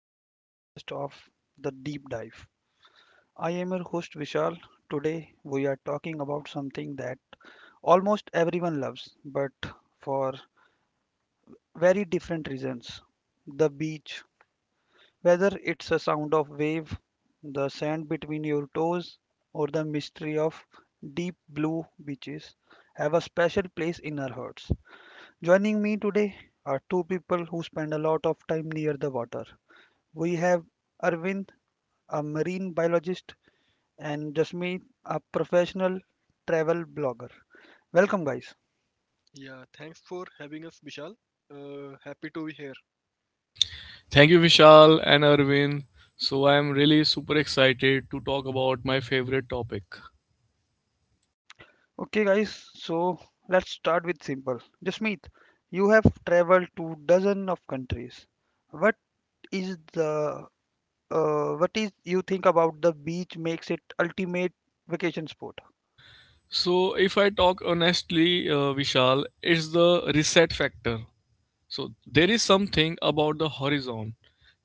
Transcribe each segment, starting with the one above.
to our podcast of The Deep Dive. I am your host Vishal. Today, we are talking about something that almost everyone loves, but for very different reasons the beach. Whether it's the sound of wave, the sand between your toes, or the mystery of deep blue beaches, have a special place in our hearts. Joining me today are two people who spend a lot of time near the water. We have Arvind, a marine biologist, and Jasmeet, a professional travel blogger. Welcome, guys. Yeah, thanks for having us, Vishal. Happy to be here. Thank you, Vishal and Arvind. So, I'm really super excited to talk about my favorite topic. Okay, guys, so let's start with simple. Jasmeet, you have traveled to dozen of countries. What is the what is you think about the beach makes it ultimate vacation spot? So, if I talk honestly, Vishal, it's the reset factor. So, there is something about the horizon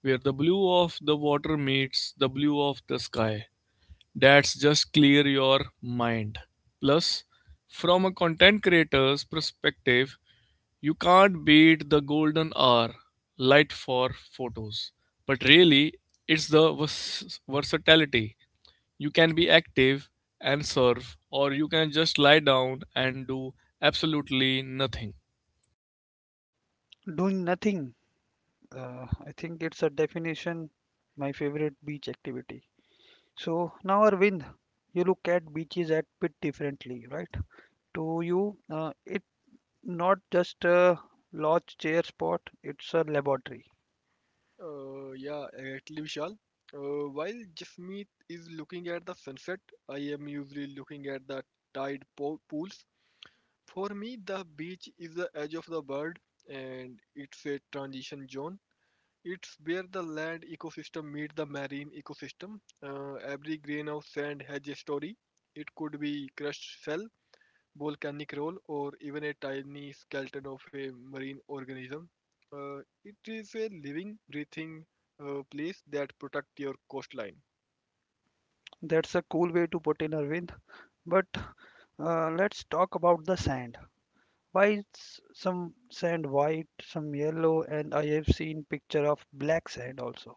where the blue of the water meets the blue of the sky. That's just clear your mind. Plus, from a content creator's perspective, you can't beat the golden hour light for photos. But really, it's the versatility. You can be active and surf, or you can just lie down and do absolutely nothing. Doing nothing. I think it's a definition, my favorite beach activity. So now, Arvind, you look at beaches at bit differently, right? To you, it's not just a lodge, chair spot; it's a laboratory. Yeah, exactly, Vishal. While Jasmeet is looking at the sunset, I am usually looking at the pools. For me, the beach is the edge of the world, and it's a transition zone. It's where the land ecosystem meets the marine ecosystem. Every grain of sand has a story. It could be crushed shell, volcanic roll or even a tiny skeleton of a marine organism. Uh, it is a living, breathing place that protects your coastline. That's a cool way to put in, Arvind. But let's talk about the sand. Why is some sand white, some yellow, and I have seen picture of black sand also.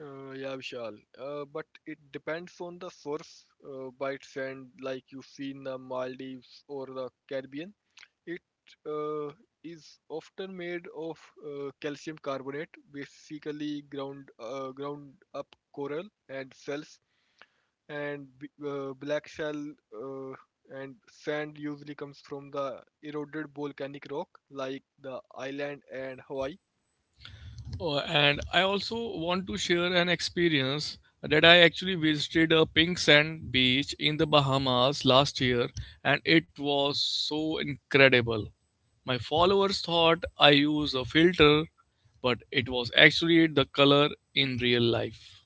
Yeah, Vishal. But it depends on the source. Bite sand, like you see in the Maldives or the Caribbean, it uh, is often made of calcium carbonate, basically ground up coral and cells and black shell, uh, and sand usually comes from the eroded volcanic rock like the island and Hawaii. And I also want to share an experience that I actually visited a pink sand beach in the Bahamas last year, and it was so incredible. My followers thought I used a filter, but it was actually the color in real life.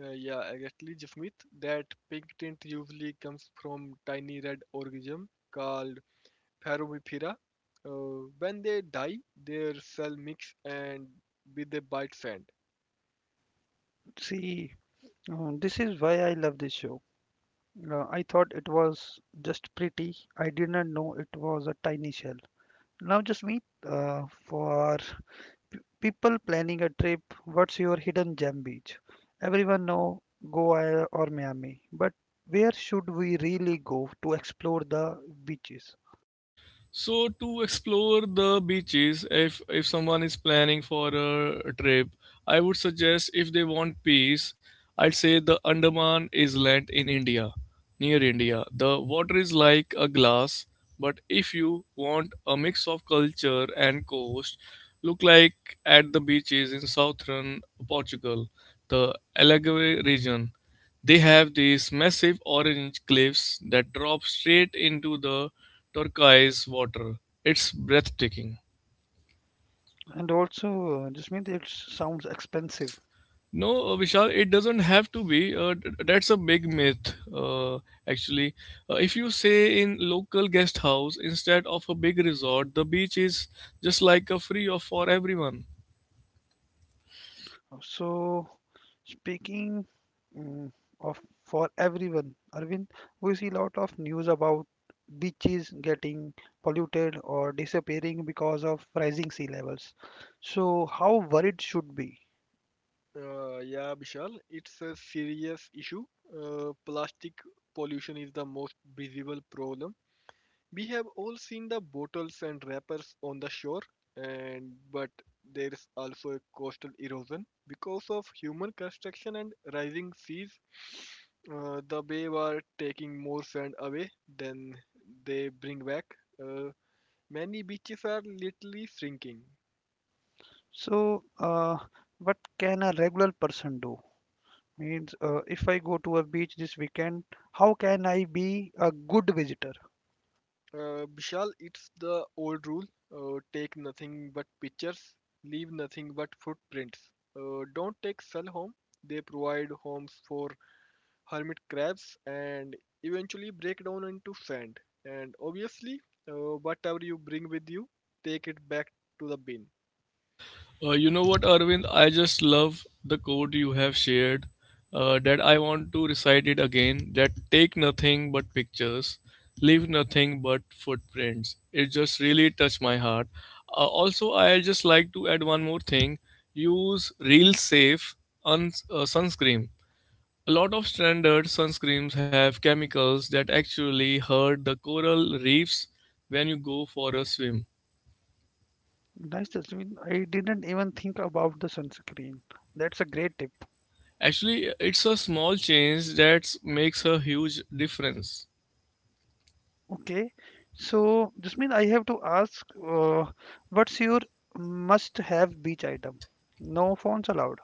Yeah, exactly, Jasmeet. That pink tint usually comes from tiny red organism called Pharomyphera. When they die, their cell mix and with a bite sand. See, this is why I love this show. I thought it was just pretty. I didn't know it was a tiny shell. Now, just meet for people planning a trip. What's your hidden gem beach? Everyone know Goa or Miami, but where should we really go to explore the beaches? So to explore the beaches, if someone is planning for a trip, I would suggest if they want peace, I'd say the Andaman Island in India, near India. The water is like a glass, but if you want a mix of culture and coast, look like at the beaches in southern Portugal, the Algarve region. They have these massive orange cliffs that drop straight into the turquoise water. It's breathtaking. And also, just mean it sounds expensive. No, Vishal, it doesn't have to be. That's a big myth, actually. If you say in local guest house instead of a big resort, the beach is just like a free of for everyone. So, speaking mm, of for everyone, Arvind, we see a lot of news about beaches getting polluted or disappearing because of rising sea levels. So, how worried should be? Yeah, Bishal, it's a serious issue. Plastic pollution is the most visible problem. We have all seen the bottles and wrappers on the shore, and but there is also a coastal erosion because of human construction and rising seas. The bay are taking more sand away than they bring back. Uh, many beaches are literally shrinking. So, what can a regular person do? Means, if I go to a beach this weekend, how can I be a good visitor? Vishal, it's the old rule: take nothing but pictures, leave nothing but footprints. Don't take cell home. They provide homes for hermit crabs, and eventually break down into sand. And obviously, whatever you bring with you, take it back to the bin. You know what, Arvind? I just love the quote you have shared. That I want to recite it again. That take nothing but pictures, leave nothing but footprints. It just really touched my heart. Also, I just like to add one more thing. Use real safe sunscreen. A lot of standard sunscreens have chemicals that actually hurt the coral reefs when you go for a swim. Nice, Jasmine. I didn't even think about the sunscreen. That's a great tip. Actually, it's a small change that makes a huge difference. Okay, so Jasmeet, I have to ask, what's your must-have beach item? No phones allowed.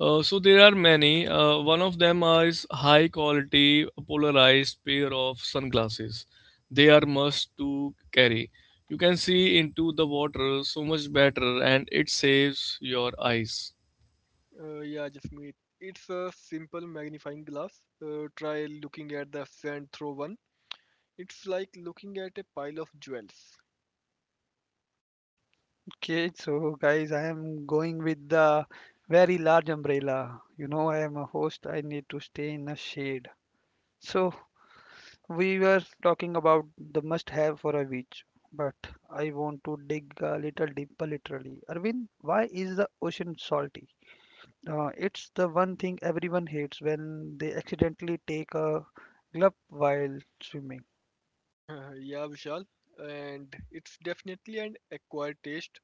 So there are many. One of them is high quality polarized pair of sunglasses. They are must to carry. You can see into the water so much better and it saves your eyes. Yeah, Jasmeet, it's a simple magnifying glass. Try looking at the sand through one. It's like looking at a pile of jewels. Okay, so guys, I am going with the very large umbrella. You know, I am a host. I need to stay in a shade. So we were talking about the must-have for a beach, but I want to dig a little deeper, literally. Arvind, why is the ocean salty? It's the one thing everyone hates when they accidentally take a glove while swimming. Yeah, Vishal, and it's definitely an acquired taste.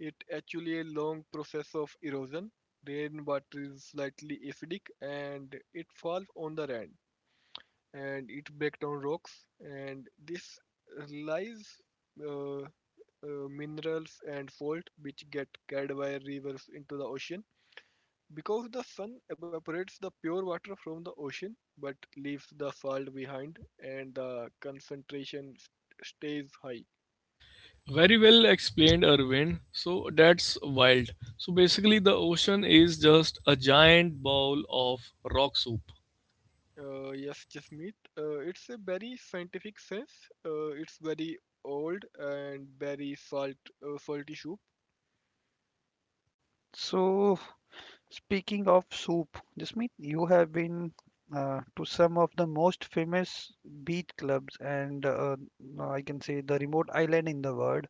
It actually a long process of erosion. Rainwater is slightly acidic and it falls on the rand, and it breaks down rocks, and this lies uh, minerals and salt which get carried by rivers into the ocean, because the sun evaporates the pure water from the ocean but leaves the salt behind and the concentration stays high. Very well explained, Irwin. So that's wild. So basically, the ocean is just a giant bowl of rock soup. Yes, Jasmeet, it's a very scientific sense. It's very old and very salty issue. So, speaking of soup, Jasmeet, you have been to some of the most famous beach clubs and I can say the remote island in the world.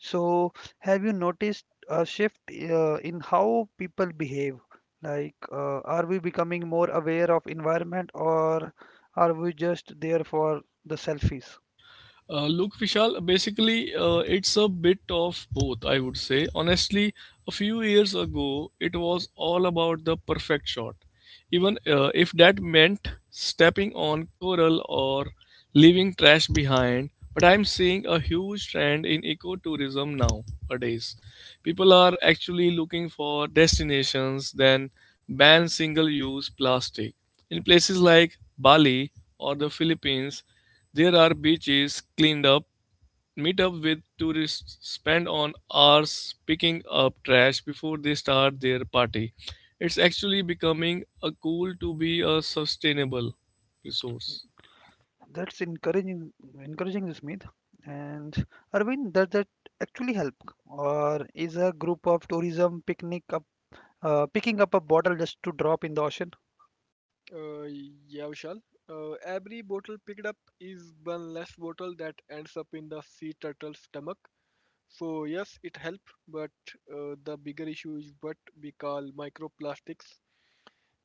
So, have you noticed a shift in how people behave? Like, are we becoming more aware of environment or are we just there for the selfies? Look, Vishal, basically, it's a bit of both, I would say. Honestly, a few years ago, it was all about the perfect shot. Even if that meant stepping on coral or leaving trash behind, but I'm seeing a huge trend in ecotourism nowadays. People are actually looking for destinations that ban single use plastic. In places like Bali or the Philippines, there are beaches cleaned up, meet up with tourists, spend on hours picking up trash before they start their party. It's actually becoming a cool to be a sustainable resource. That's encouraging, encouraging Smith. And Arvind, does that actually help, or is a group of tourism picnic up, picking up a bottle just to drop in the ocean? Uh, yeah, Vishal. Every bottle picked up is one less bottle that ends up in the sea turtle's stomach. So yes, it helps, but the bigger issue is what we call microplastics.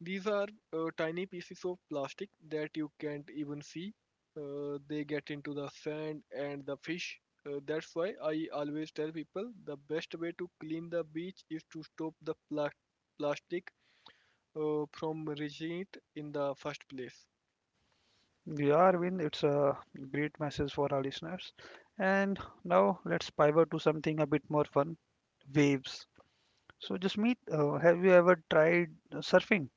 These are tiny pieces of plastic that you can't even see. They get into the sand and the fish. That's why I always tell people the best way to clean the beach is to stop the plastic from reaching it in the first place. Yeah, Arvind, it's a great message for our listeners. And now let's pivot to something a bit more fun, waves. So, Jasmeet, have you ever tried surfing?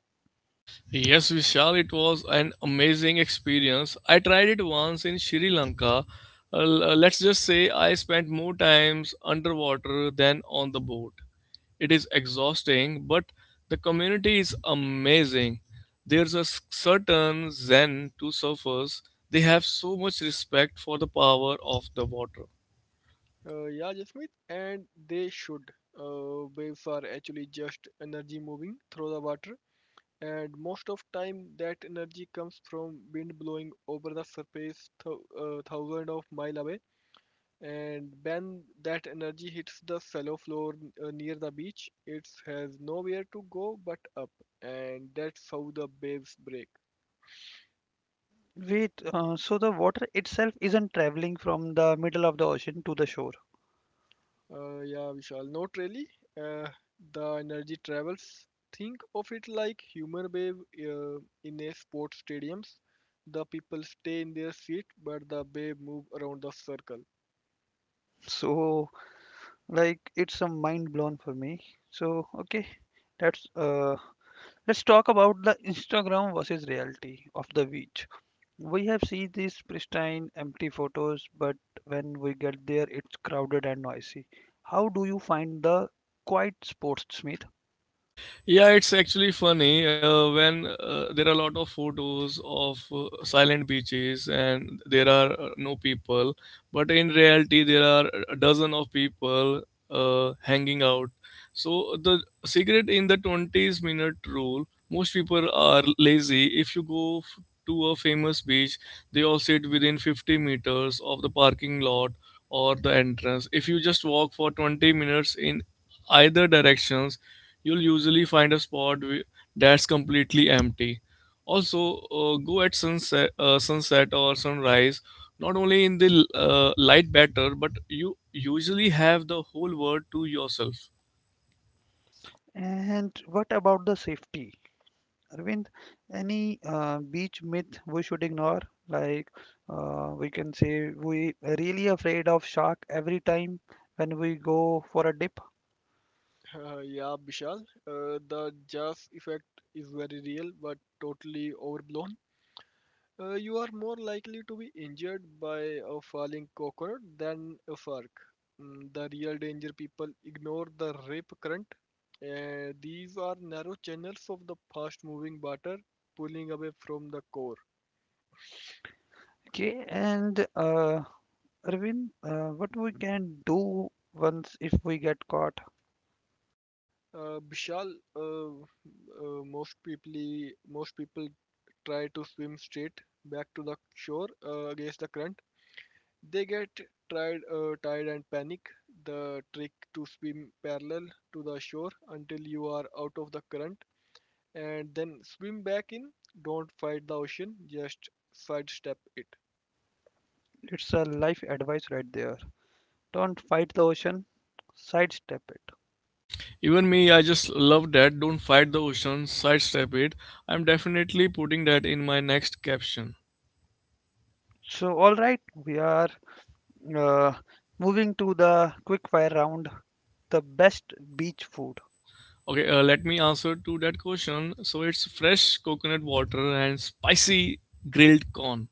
Yes, Vishal, it was an amazing experience. I tried it once in Sri Lanka. Let's just say I spent more times underwater than on the boat. It is exhausting, but the community is amazing. There's a certain zen to surfers. They have so much respect for the power of the water. Yeah, Jasmeet, and they should. Waves are actually just energy moving through the water, and most of time that energy comes from wind blowing over the surface thousand of miles away. And when that energy hits the shallow floor near the beach, it has nowhere to go but up, and that's how the waves break. Wait, so the water itself isn't traveling from the middle of the ocean to the shore. Yeah, Vishal, not really. Uh, the energy travels. Think of it like humor wave in a sports stadiums. The people stay in their seat, but the wave move around the circle. So like it's a mind blown for me. So okay, that's let's talk about the Instagram versus reality of the beach. We have seen these pristine empty photos, but when we get there it's crowded and noisy. How do you find the quiet spots, Smith? Yeah, it's actually funny when there are a lot of photos of silent beaches and there are no people, but in reality there are a dozen of people hanging out. So the cigarette in the 20s minute rule, most people are lazy. If you go to a famous beach, they all sit within 50 meters of the parking lot or the entrance. If you just walk for 20 minutes in either directions you'll usually find a spot that's completely empty. Also, go at sunset, sunset or sunrise. Not only in the light better, but you usually have the whole world to yourself. And what about the safety? Arvind, any beach myth we should ignore? Like we can say we are really afraid of shark every time when we go for a dip. Yeah, Vishal, the jazz effect is very real, but totally overblown. You are more likely to be injured by a falling coconut than a fork. Mm, the real danger people ignore the rip current. These are narrow channels of the fast moving water pulling away from the core. Okay, and Arvind, what we can do once if we get caught? Bishal, most people try to swim straight back to the shore against the current. They get tired and panic. The trick to swim parallel to the shore until you are out of the current and then swim back in. Don't fight the ocean, just sidestep it. It's a life advice right there. Don't fight the ocean, sidestep it. Even me, I just love that. Don't fight the ocean, sidestep it. I'm definitely putting that in my next caption. So, all right, we are uh, moving to the quick fire round, the best beach food. Okay, let me answer to that question. So it's fresh coconut water and spicy grilled corn.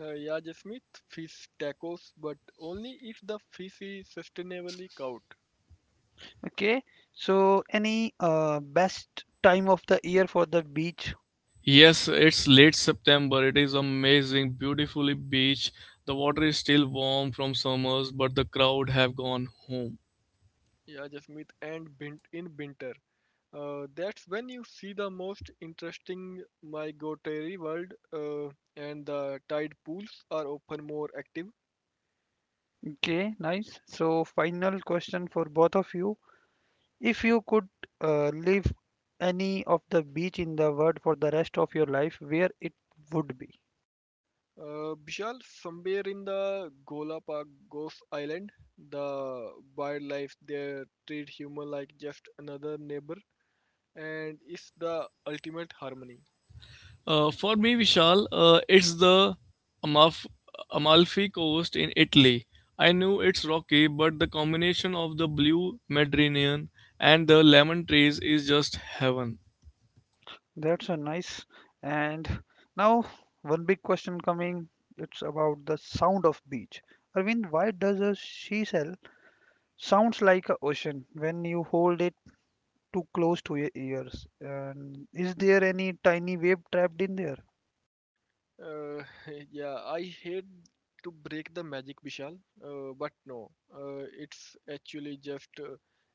Yeah, Jasmeet, fish tacos, but only if the fish is sustainably caught. Okay, so any best time of the year for the beach? Yes, it's late September. It is amazing, beautifully beach. The water is still warm from summers, but the crowd have gone home. Yeah, Jasmeet, and in winter. That's when you see the most interesting migratory world, and the tide pools are often more active. Okay, nice. So final question for both of you. If you could live any of the beach in the world for the rest of your life, where it would be? Bishal, somewhere in the Gola Park Ghost Island, the wildlife there treat human like just another neighbor, and it's the ultimate harmony. For me, Vishal, it's the Amalf- Amalfi Coast in Italy. I knew it's rocky, but the combination of the blue Mediterranean and the lemon trees is just heaven. That's a nice. And now one big question coming. It's about the sound of beach. Arvind, why does a seashell sounds like a ocean when you hold it too close to your ears? And is there any tiny wave trapped in there? Uh, yeah, I hate to break the magic, Bishal, but no, it's actually just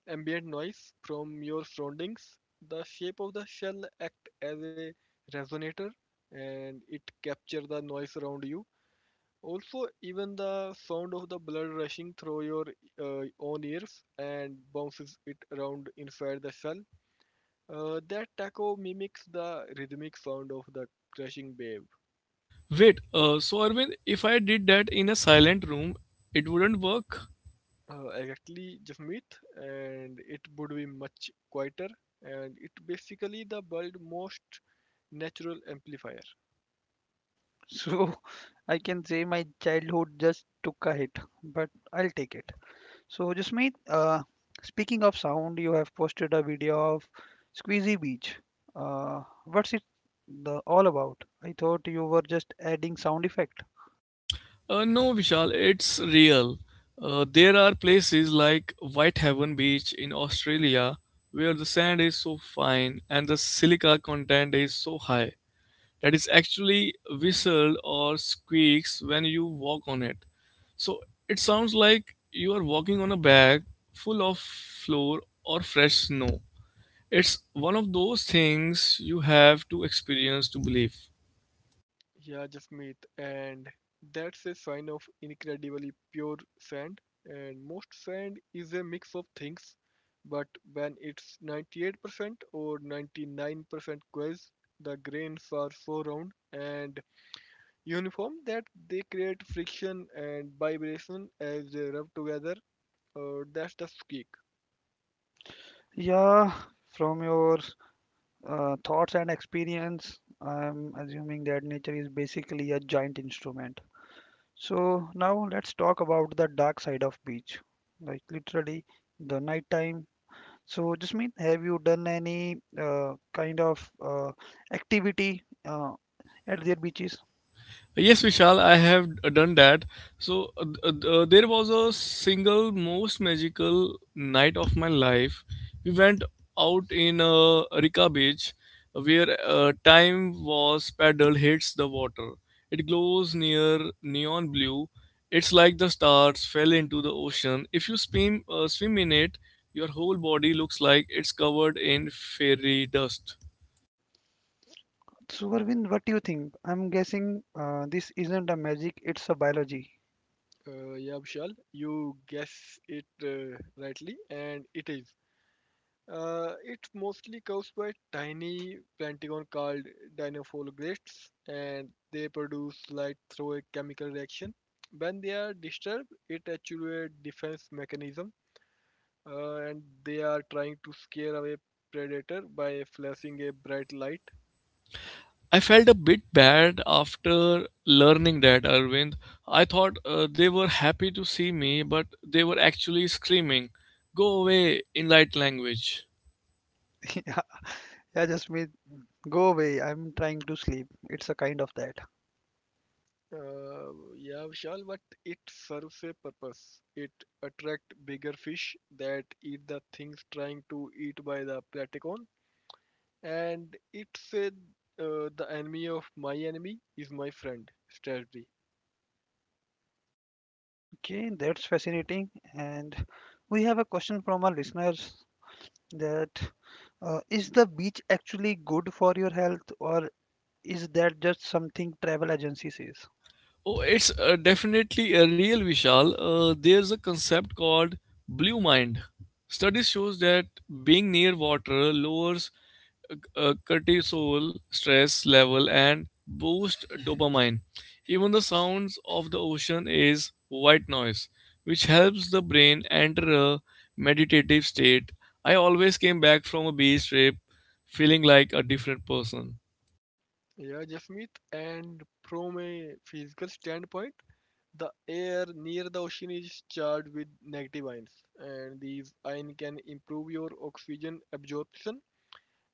ambient noise from your surroundings. The shape of the shell act as a resonator, and it capture the noise around you. Also, even the sound of the blood rushing through your own ears and bounces it around inside the cell. That taco mimics the rhythmic sound of the crashing wave. Wait, so Arvind, if I did that in a silent room, it wouldn't work? Exactly, Jasmeet, and it would be much quieter, and it basically the world's most natural amplifier. So I can say my childhood just took a hit, but I'll take it. So Jasmeet, speaking of sound, you have posted a video of Squeezy Beach. What's it the all about? I thought you were just adding sound effect. No, Vishal, it's real. There are places like Whitehaven Beach in Australia where the sand is so fine and the silica content is so high that it actually whistles or squeaks when you walk on it. So it sounds like you are walking on a bag full of flour or fresh snow. It's one of those things you have to experience to believe. Yeah, Jasmeet, and that's a sign of incredibly pure sand. And most sand is a mix of things, but when it's 98% or 99% quartz, the grains are so round and uniform that they create friction and vibration as they rub together. That's the squeak. Yeah, from your thoughts and experience, I'm assuming that nature is basically a giant instrument. So now let's talk about the dark side of beach, like literally the nighttime. So Jasmeet, have you done any kind of activity at their beaches? Yes, Vishal, I have done that. So there was a single most magical night of my life. We went out in Rika Beach, where time was paddle hits the water. It glows near neon blue. It's like the stars fell into the ocean. If you swim in it, your whole body looks like it's covered in fairy dust. So Varvin, what do you think? I'm guessing this isn't a magic, it's a biology. Yeah, Vishal, you guess it rightly, and it is. It mostly comes by tiny plankton called dinoflagelates, and they produce light through a chemical reaction. When they are disturbed, it actuates a defense mechanism, and they are trying to scare away predator by flashing a bright light. I felt a bit bad after learning that, Arvind. I thought they were happy to see me, but they were actually screaming, go away in light language. Yeah, yeah, Jasmeet, go away. I'm trying to sleep. It's a kind of that. Uh, yeah, Vishal, but it serves a purpose. It attracts bigger fish that eat the things trying to eat by the plankton, and it said the enemy of my enemy is my friend strategy. Okay, that's fascinating. And we have a question from our listeners that is the beach actually good for your health or is that just something travel agency says? Oh, it's definitely a real Vishal. There's a concept called blue mind. Studies shows that being near water lowers cortisol stress level and boost dopamine. Even the sounds of the ocean is white noise, which helps the brain enter a meditative state. I always came back from a beach trip feeling like a different person. Yeah, Jasmeet. And from a physical standpoint, the air near the ocean is charged with negative ions, and these ions can improve your oxygen absorption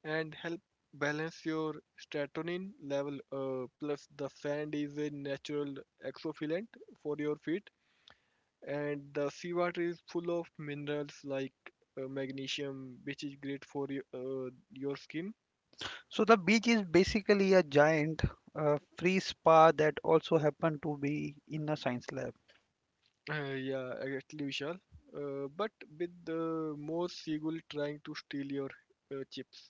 and help balance your serotonin level. Plus, the sand is a natural exfoliant for your feet and the seawater is full of minerals like magnesium which is great for your skin. So the beach is basically a giant free spa that also happened to be in a science lab. Yeah, exactly, Vishal, but with the more seagull trying to steal your chips.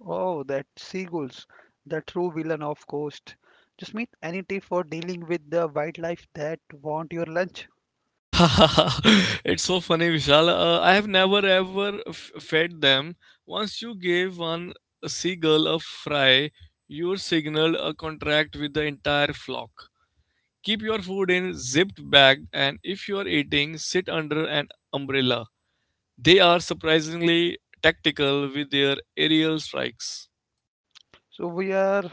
Oh, that seagulls, the true villain of coast. Just meet any tip for dealing with the wildlife that want your lunch? it's so funny, Vishal. I have never ever fed them. Once you gave one seagull a fry, you signaled a contract with the entire flock. Keep your food in zipped bag and if you are eating, sit under an umbrella. They are surprisingly tactical with their aerial strikes. So we are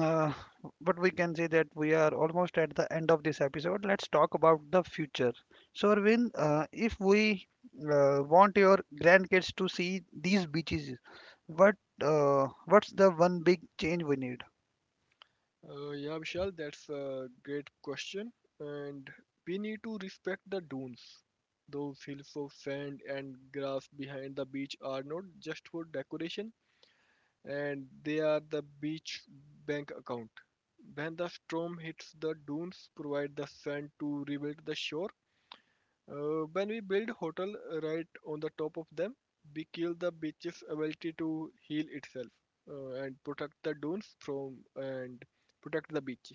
uh, but we can say that we are almost at the end of this episode. Let's talk about the future. So, Arvind, if we want your grandkids to see these beaches, what what's the one big change we need? Yeah, Vishal, that's a great question. And we need to respect the dunes. Those hills of sand and grass behind the beach are not just for decoration, and they are the beach bank account. When the storm hits, the dunes provide the sand to rebuild the shore. When we build hotel right on the top of them, we kill the beach's ability to heal itself, and protect the dunes from and protect the beach.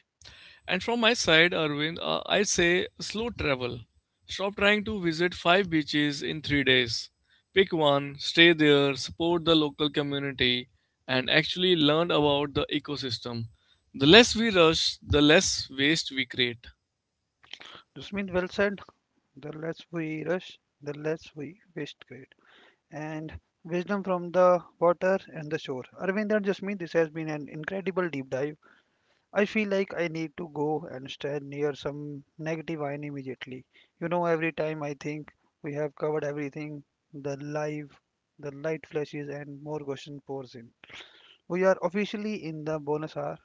And from my side, Arvind, I say slow travel. Stop trying to visit 5 beaches in 3 days. Pick one, stay there, support the local community, and actually learn about the ecosystem. The less we rush, the less waste we create. Dusmin well said. The less we rush, the less we waste great. And wisdom from the water and the shore. Arvind and Jasmine, this has been an incredible deep dive. I feel like I need to go and stand near some negative wine immediately. You know, every time I think we have covered everything, the live, the light flashes, and more question pours in. We are officially in the bonus hour.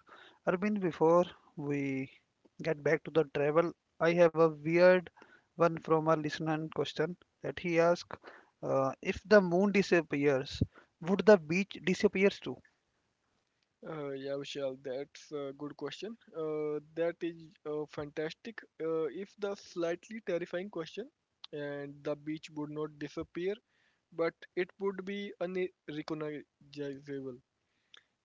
Arvind, before we get back to the travel, I have a weird one from our listener question that he asked if the moon disappears, would the beach disappears too? Yeah, Vishal, that's a good question. That is fantastic. If the slightly terrifying question, and the beach would not disappear, but it would be unrecognizable.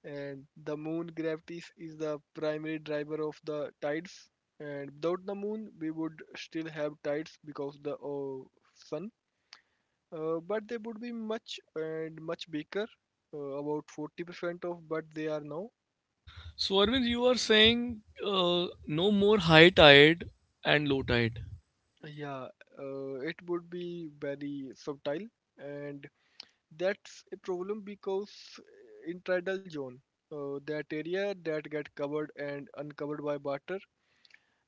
And the moon gravity is the primary driver of the tides. And without the moon, we would still have tides because the sun, but they would be much and much bigger, about 40% of what they are now. So, Arvind, you are saying no more high tide and low tide. Yeah, it would be very subtle, and that's a problem because intradal zone, that area that get covered and uncovered by water,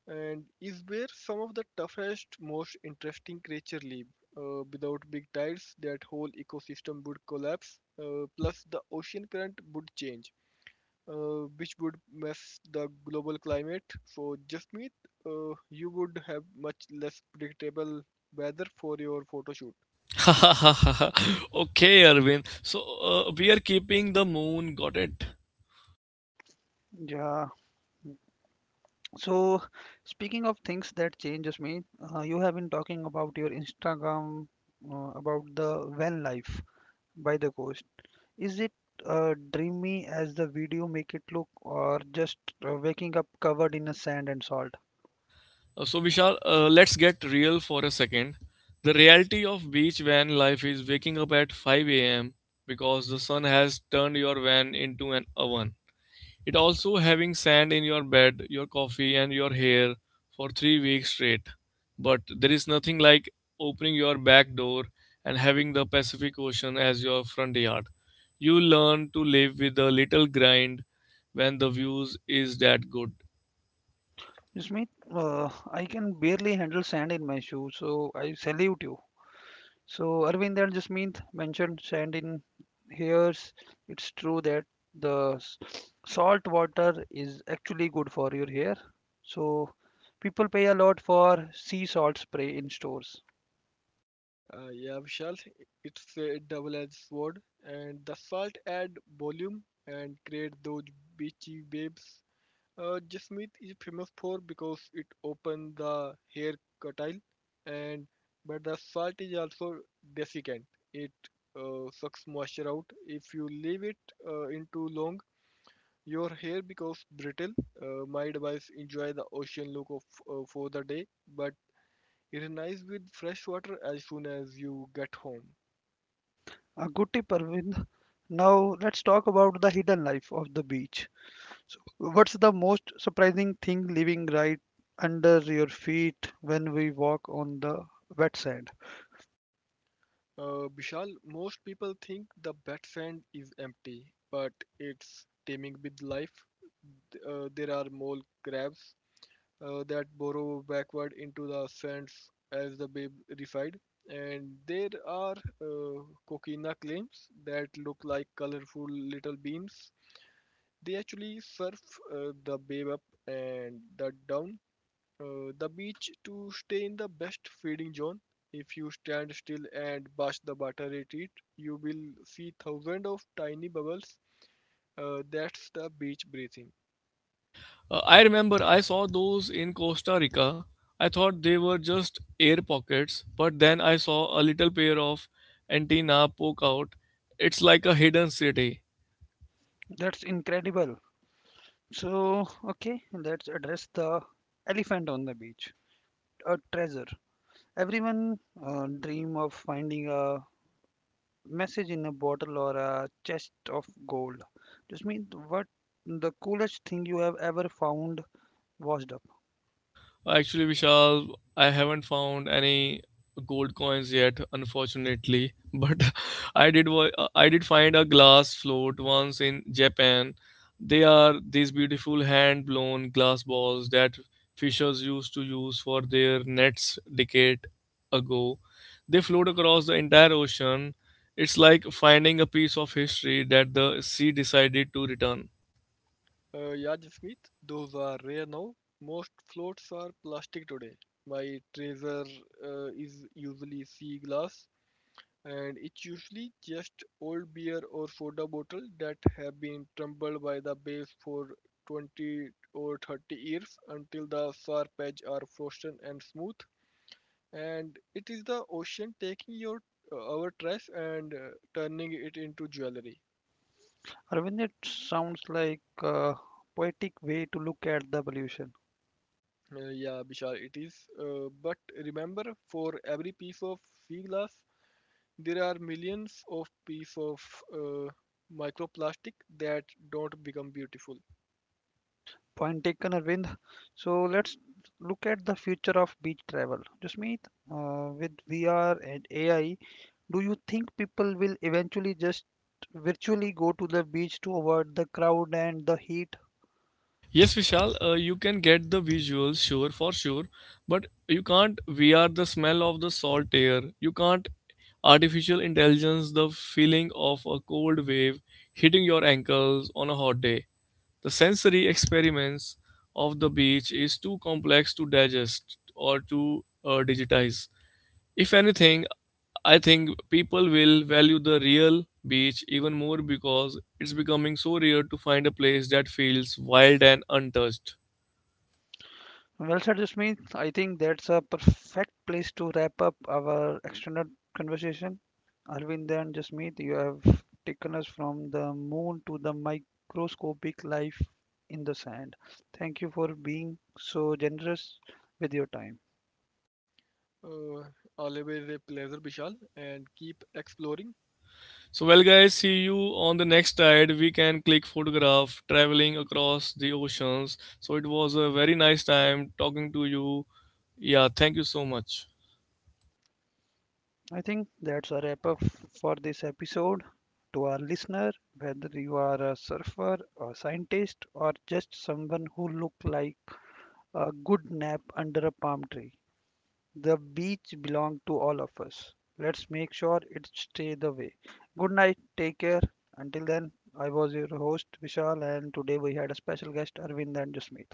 and is where some of the toughest, most interesting creatures live. Without big tides, that whole ecosystem would collapse. Plus, the ocean current would change, which would mess the global climate. So, just meet, you would have much less predictable weather for your photo shoot. Okay, Arvind. So, we are keeping the moon, got it? Yeah, so, speaking of things that changes me, you have been talking about your Instagram, about the van life by the coast. Is it dreamy as the video make it look, or just waking up covered in a sand and salt? So, Vishal, let's get real for a second. The reality of beach van life is waking up at 5 a.m. because the sun has turned your van into an oven. It also having sand in your bed, your coffee, and your hair for 3 weeks straight. But there is nothing like opening your back door and having the Pacific Ocean as your front yard. You learn to live with a little grind when the views is that good. Yasmeet, I can barely handle sand in my shoes, so I salute you. So Arvind and Jasmeet mentioned sand in hairs. It's true that the salt water is actually good for your hair. So people pay a lot for sea salt spray in stores. Yeah, Vishal, it's a double-edged sword, and the salt add volume and create those beachy waves Jasmeet is famous for, because it opens the hair curtail, and but the salt is also desiccant. It sucks moisture out. If you leave it in too long, your hair becomes brittle. My advice: enjoy the ocean look of for the day, but it is nice with fresh water as soon as you get home. A good tip, Arvind. Now let's talk about the hidden life of the beach. So what's the most surprising thing living right under your feet when we walk on the wet sand? Vishal, most people think the bat sand is empty, but it's teeming with life. Th- there are mole crabs that burrow backward into the sands as the babe refide, and there are uh, coquina clams that look like colorful little beams. They actually surf the babe up and the down the beach to stay in the best feeding zone. If you stand still and watch the water retreat, you will see thousands of tiny bubbles. That's the beach breathing. I remember I saw those in Costa Rica. I thought they were just air pockets, but then I saw a little pair of antenna poke out. It's like a hidden city. That's incredible. So, okay, let's address the elephant on the beach, a treasure. Everyone dream of finding a message in a bottle or a chest of gold. Just mean what the coolest thing you have ever found washed up. Actually, Vishal, I haven't found any gold coins yet, unfortunately. But I did find a glass float once in Japan. They are these beautiful hand blown glass balls that fishers used to use for their nets decade ago. They float across the entire ocean. It's like finding a piece of history that the sea decided to return. Yeah, Jasmeet, those are rare now. Most floats are plastic today. My treasure is usually sea glass, and it's usually just old beer or soda bottle that have been tumbled by the base for 20 or 30 years until the sharp edges are frozen and smooth, and it is the ocean taking your our trash and turning it into jewelry. Arvind, it sounds like a poetic way to look at the pollution. Yeah, Bishal, it is, but remember, for every piece of sea glass there are millions of pieces of uh, microplastic that don't become beautiful. Point taken, Arvind. So let's look at the future of beach travel. Just meet with VR and AI. Do you think people will eventually just virtually go to the beach to avoid the crowd and the heat? Yes, Vishal, you can get the visuals, sure, for sure, but you can't VR the smell of the salt air. You can't artificial intelligence the feeling of a cold wave hitting your ankles on a hot day. The sensory experiments of the beach is too complex to digest or to digitize. If anything, I think people will value the real beach even more because it's becoming so rare to find a place that feels wild and untouched. Well said, Jasmeet. I think that's a perfect place to wrap up our extended conversation. Arvind and Jasmeet, you have taken us from the moon to the microscopic life in the sand. Thank you for being so generous with your time. Uh, always a pleasure, Vishal, and keep exploring. So, well, guys, see you on the next tide. We can click photograph traveling across the oceans. So, it was a very nice time talking to you. Yeah, thank you so much. I think that's a wrap up for this episode. To our listener, whether you are a surfer, a scientist, or just someone who look like a good nap under a palm tree, the beach belongs to all of us. Let's make sure it stay the way. Good night. Take care. Until then, I was your host Vishal, and today we had a special guest Arvind and Jasmeet.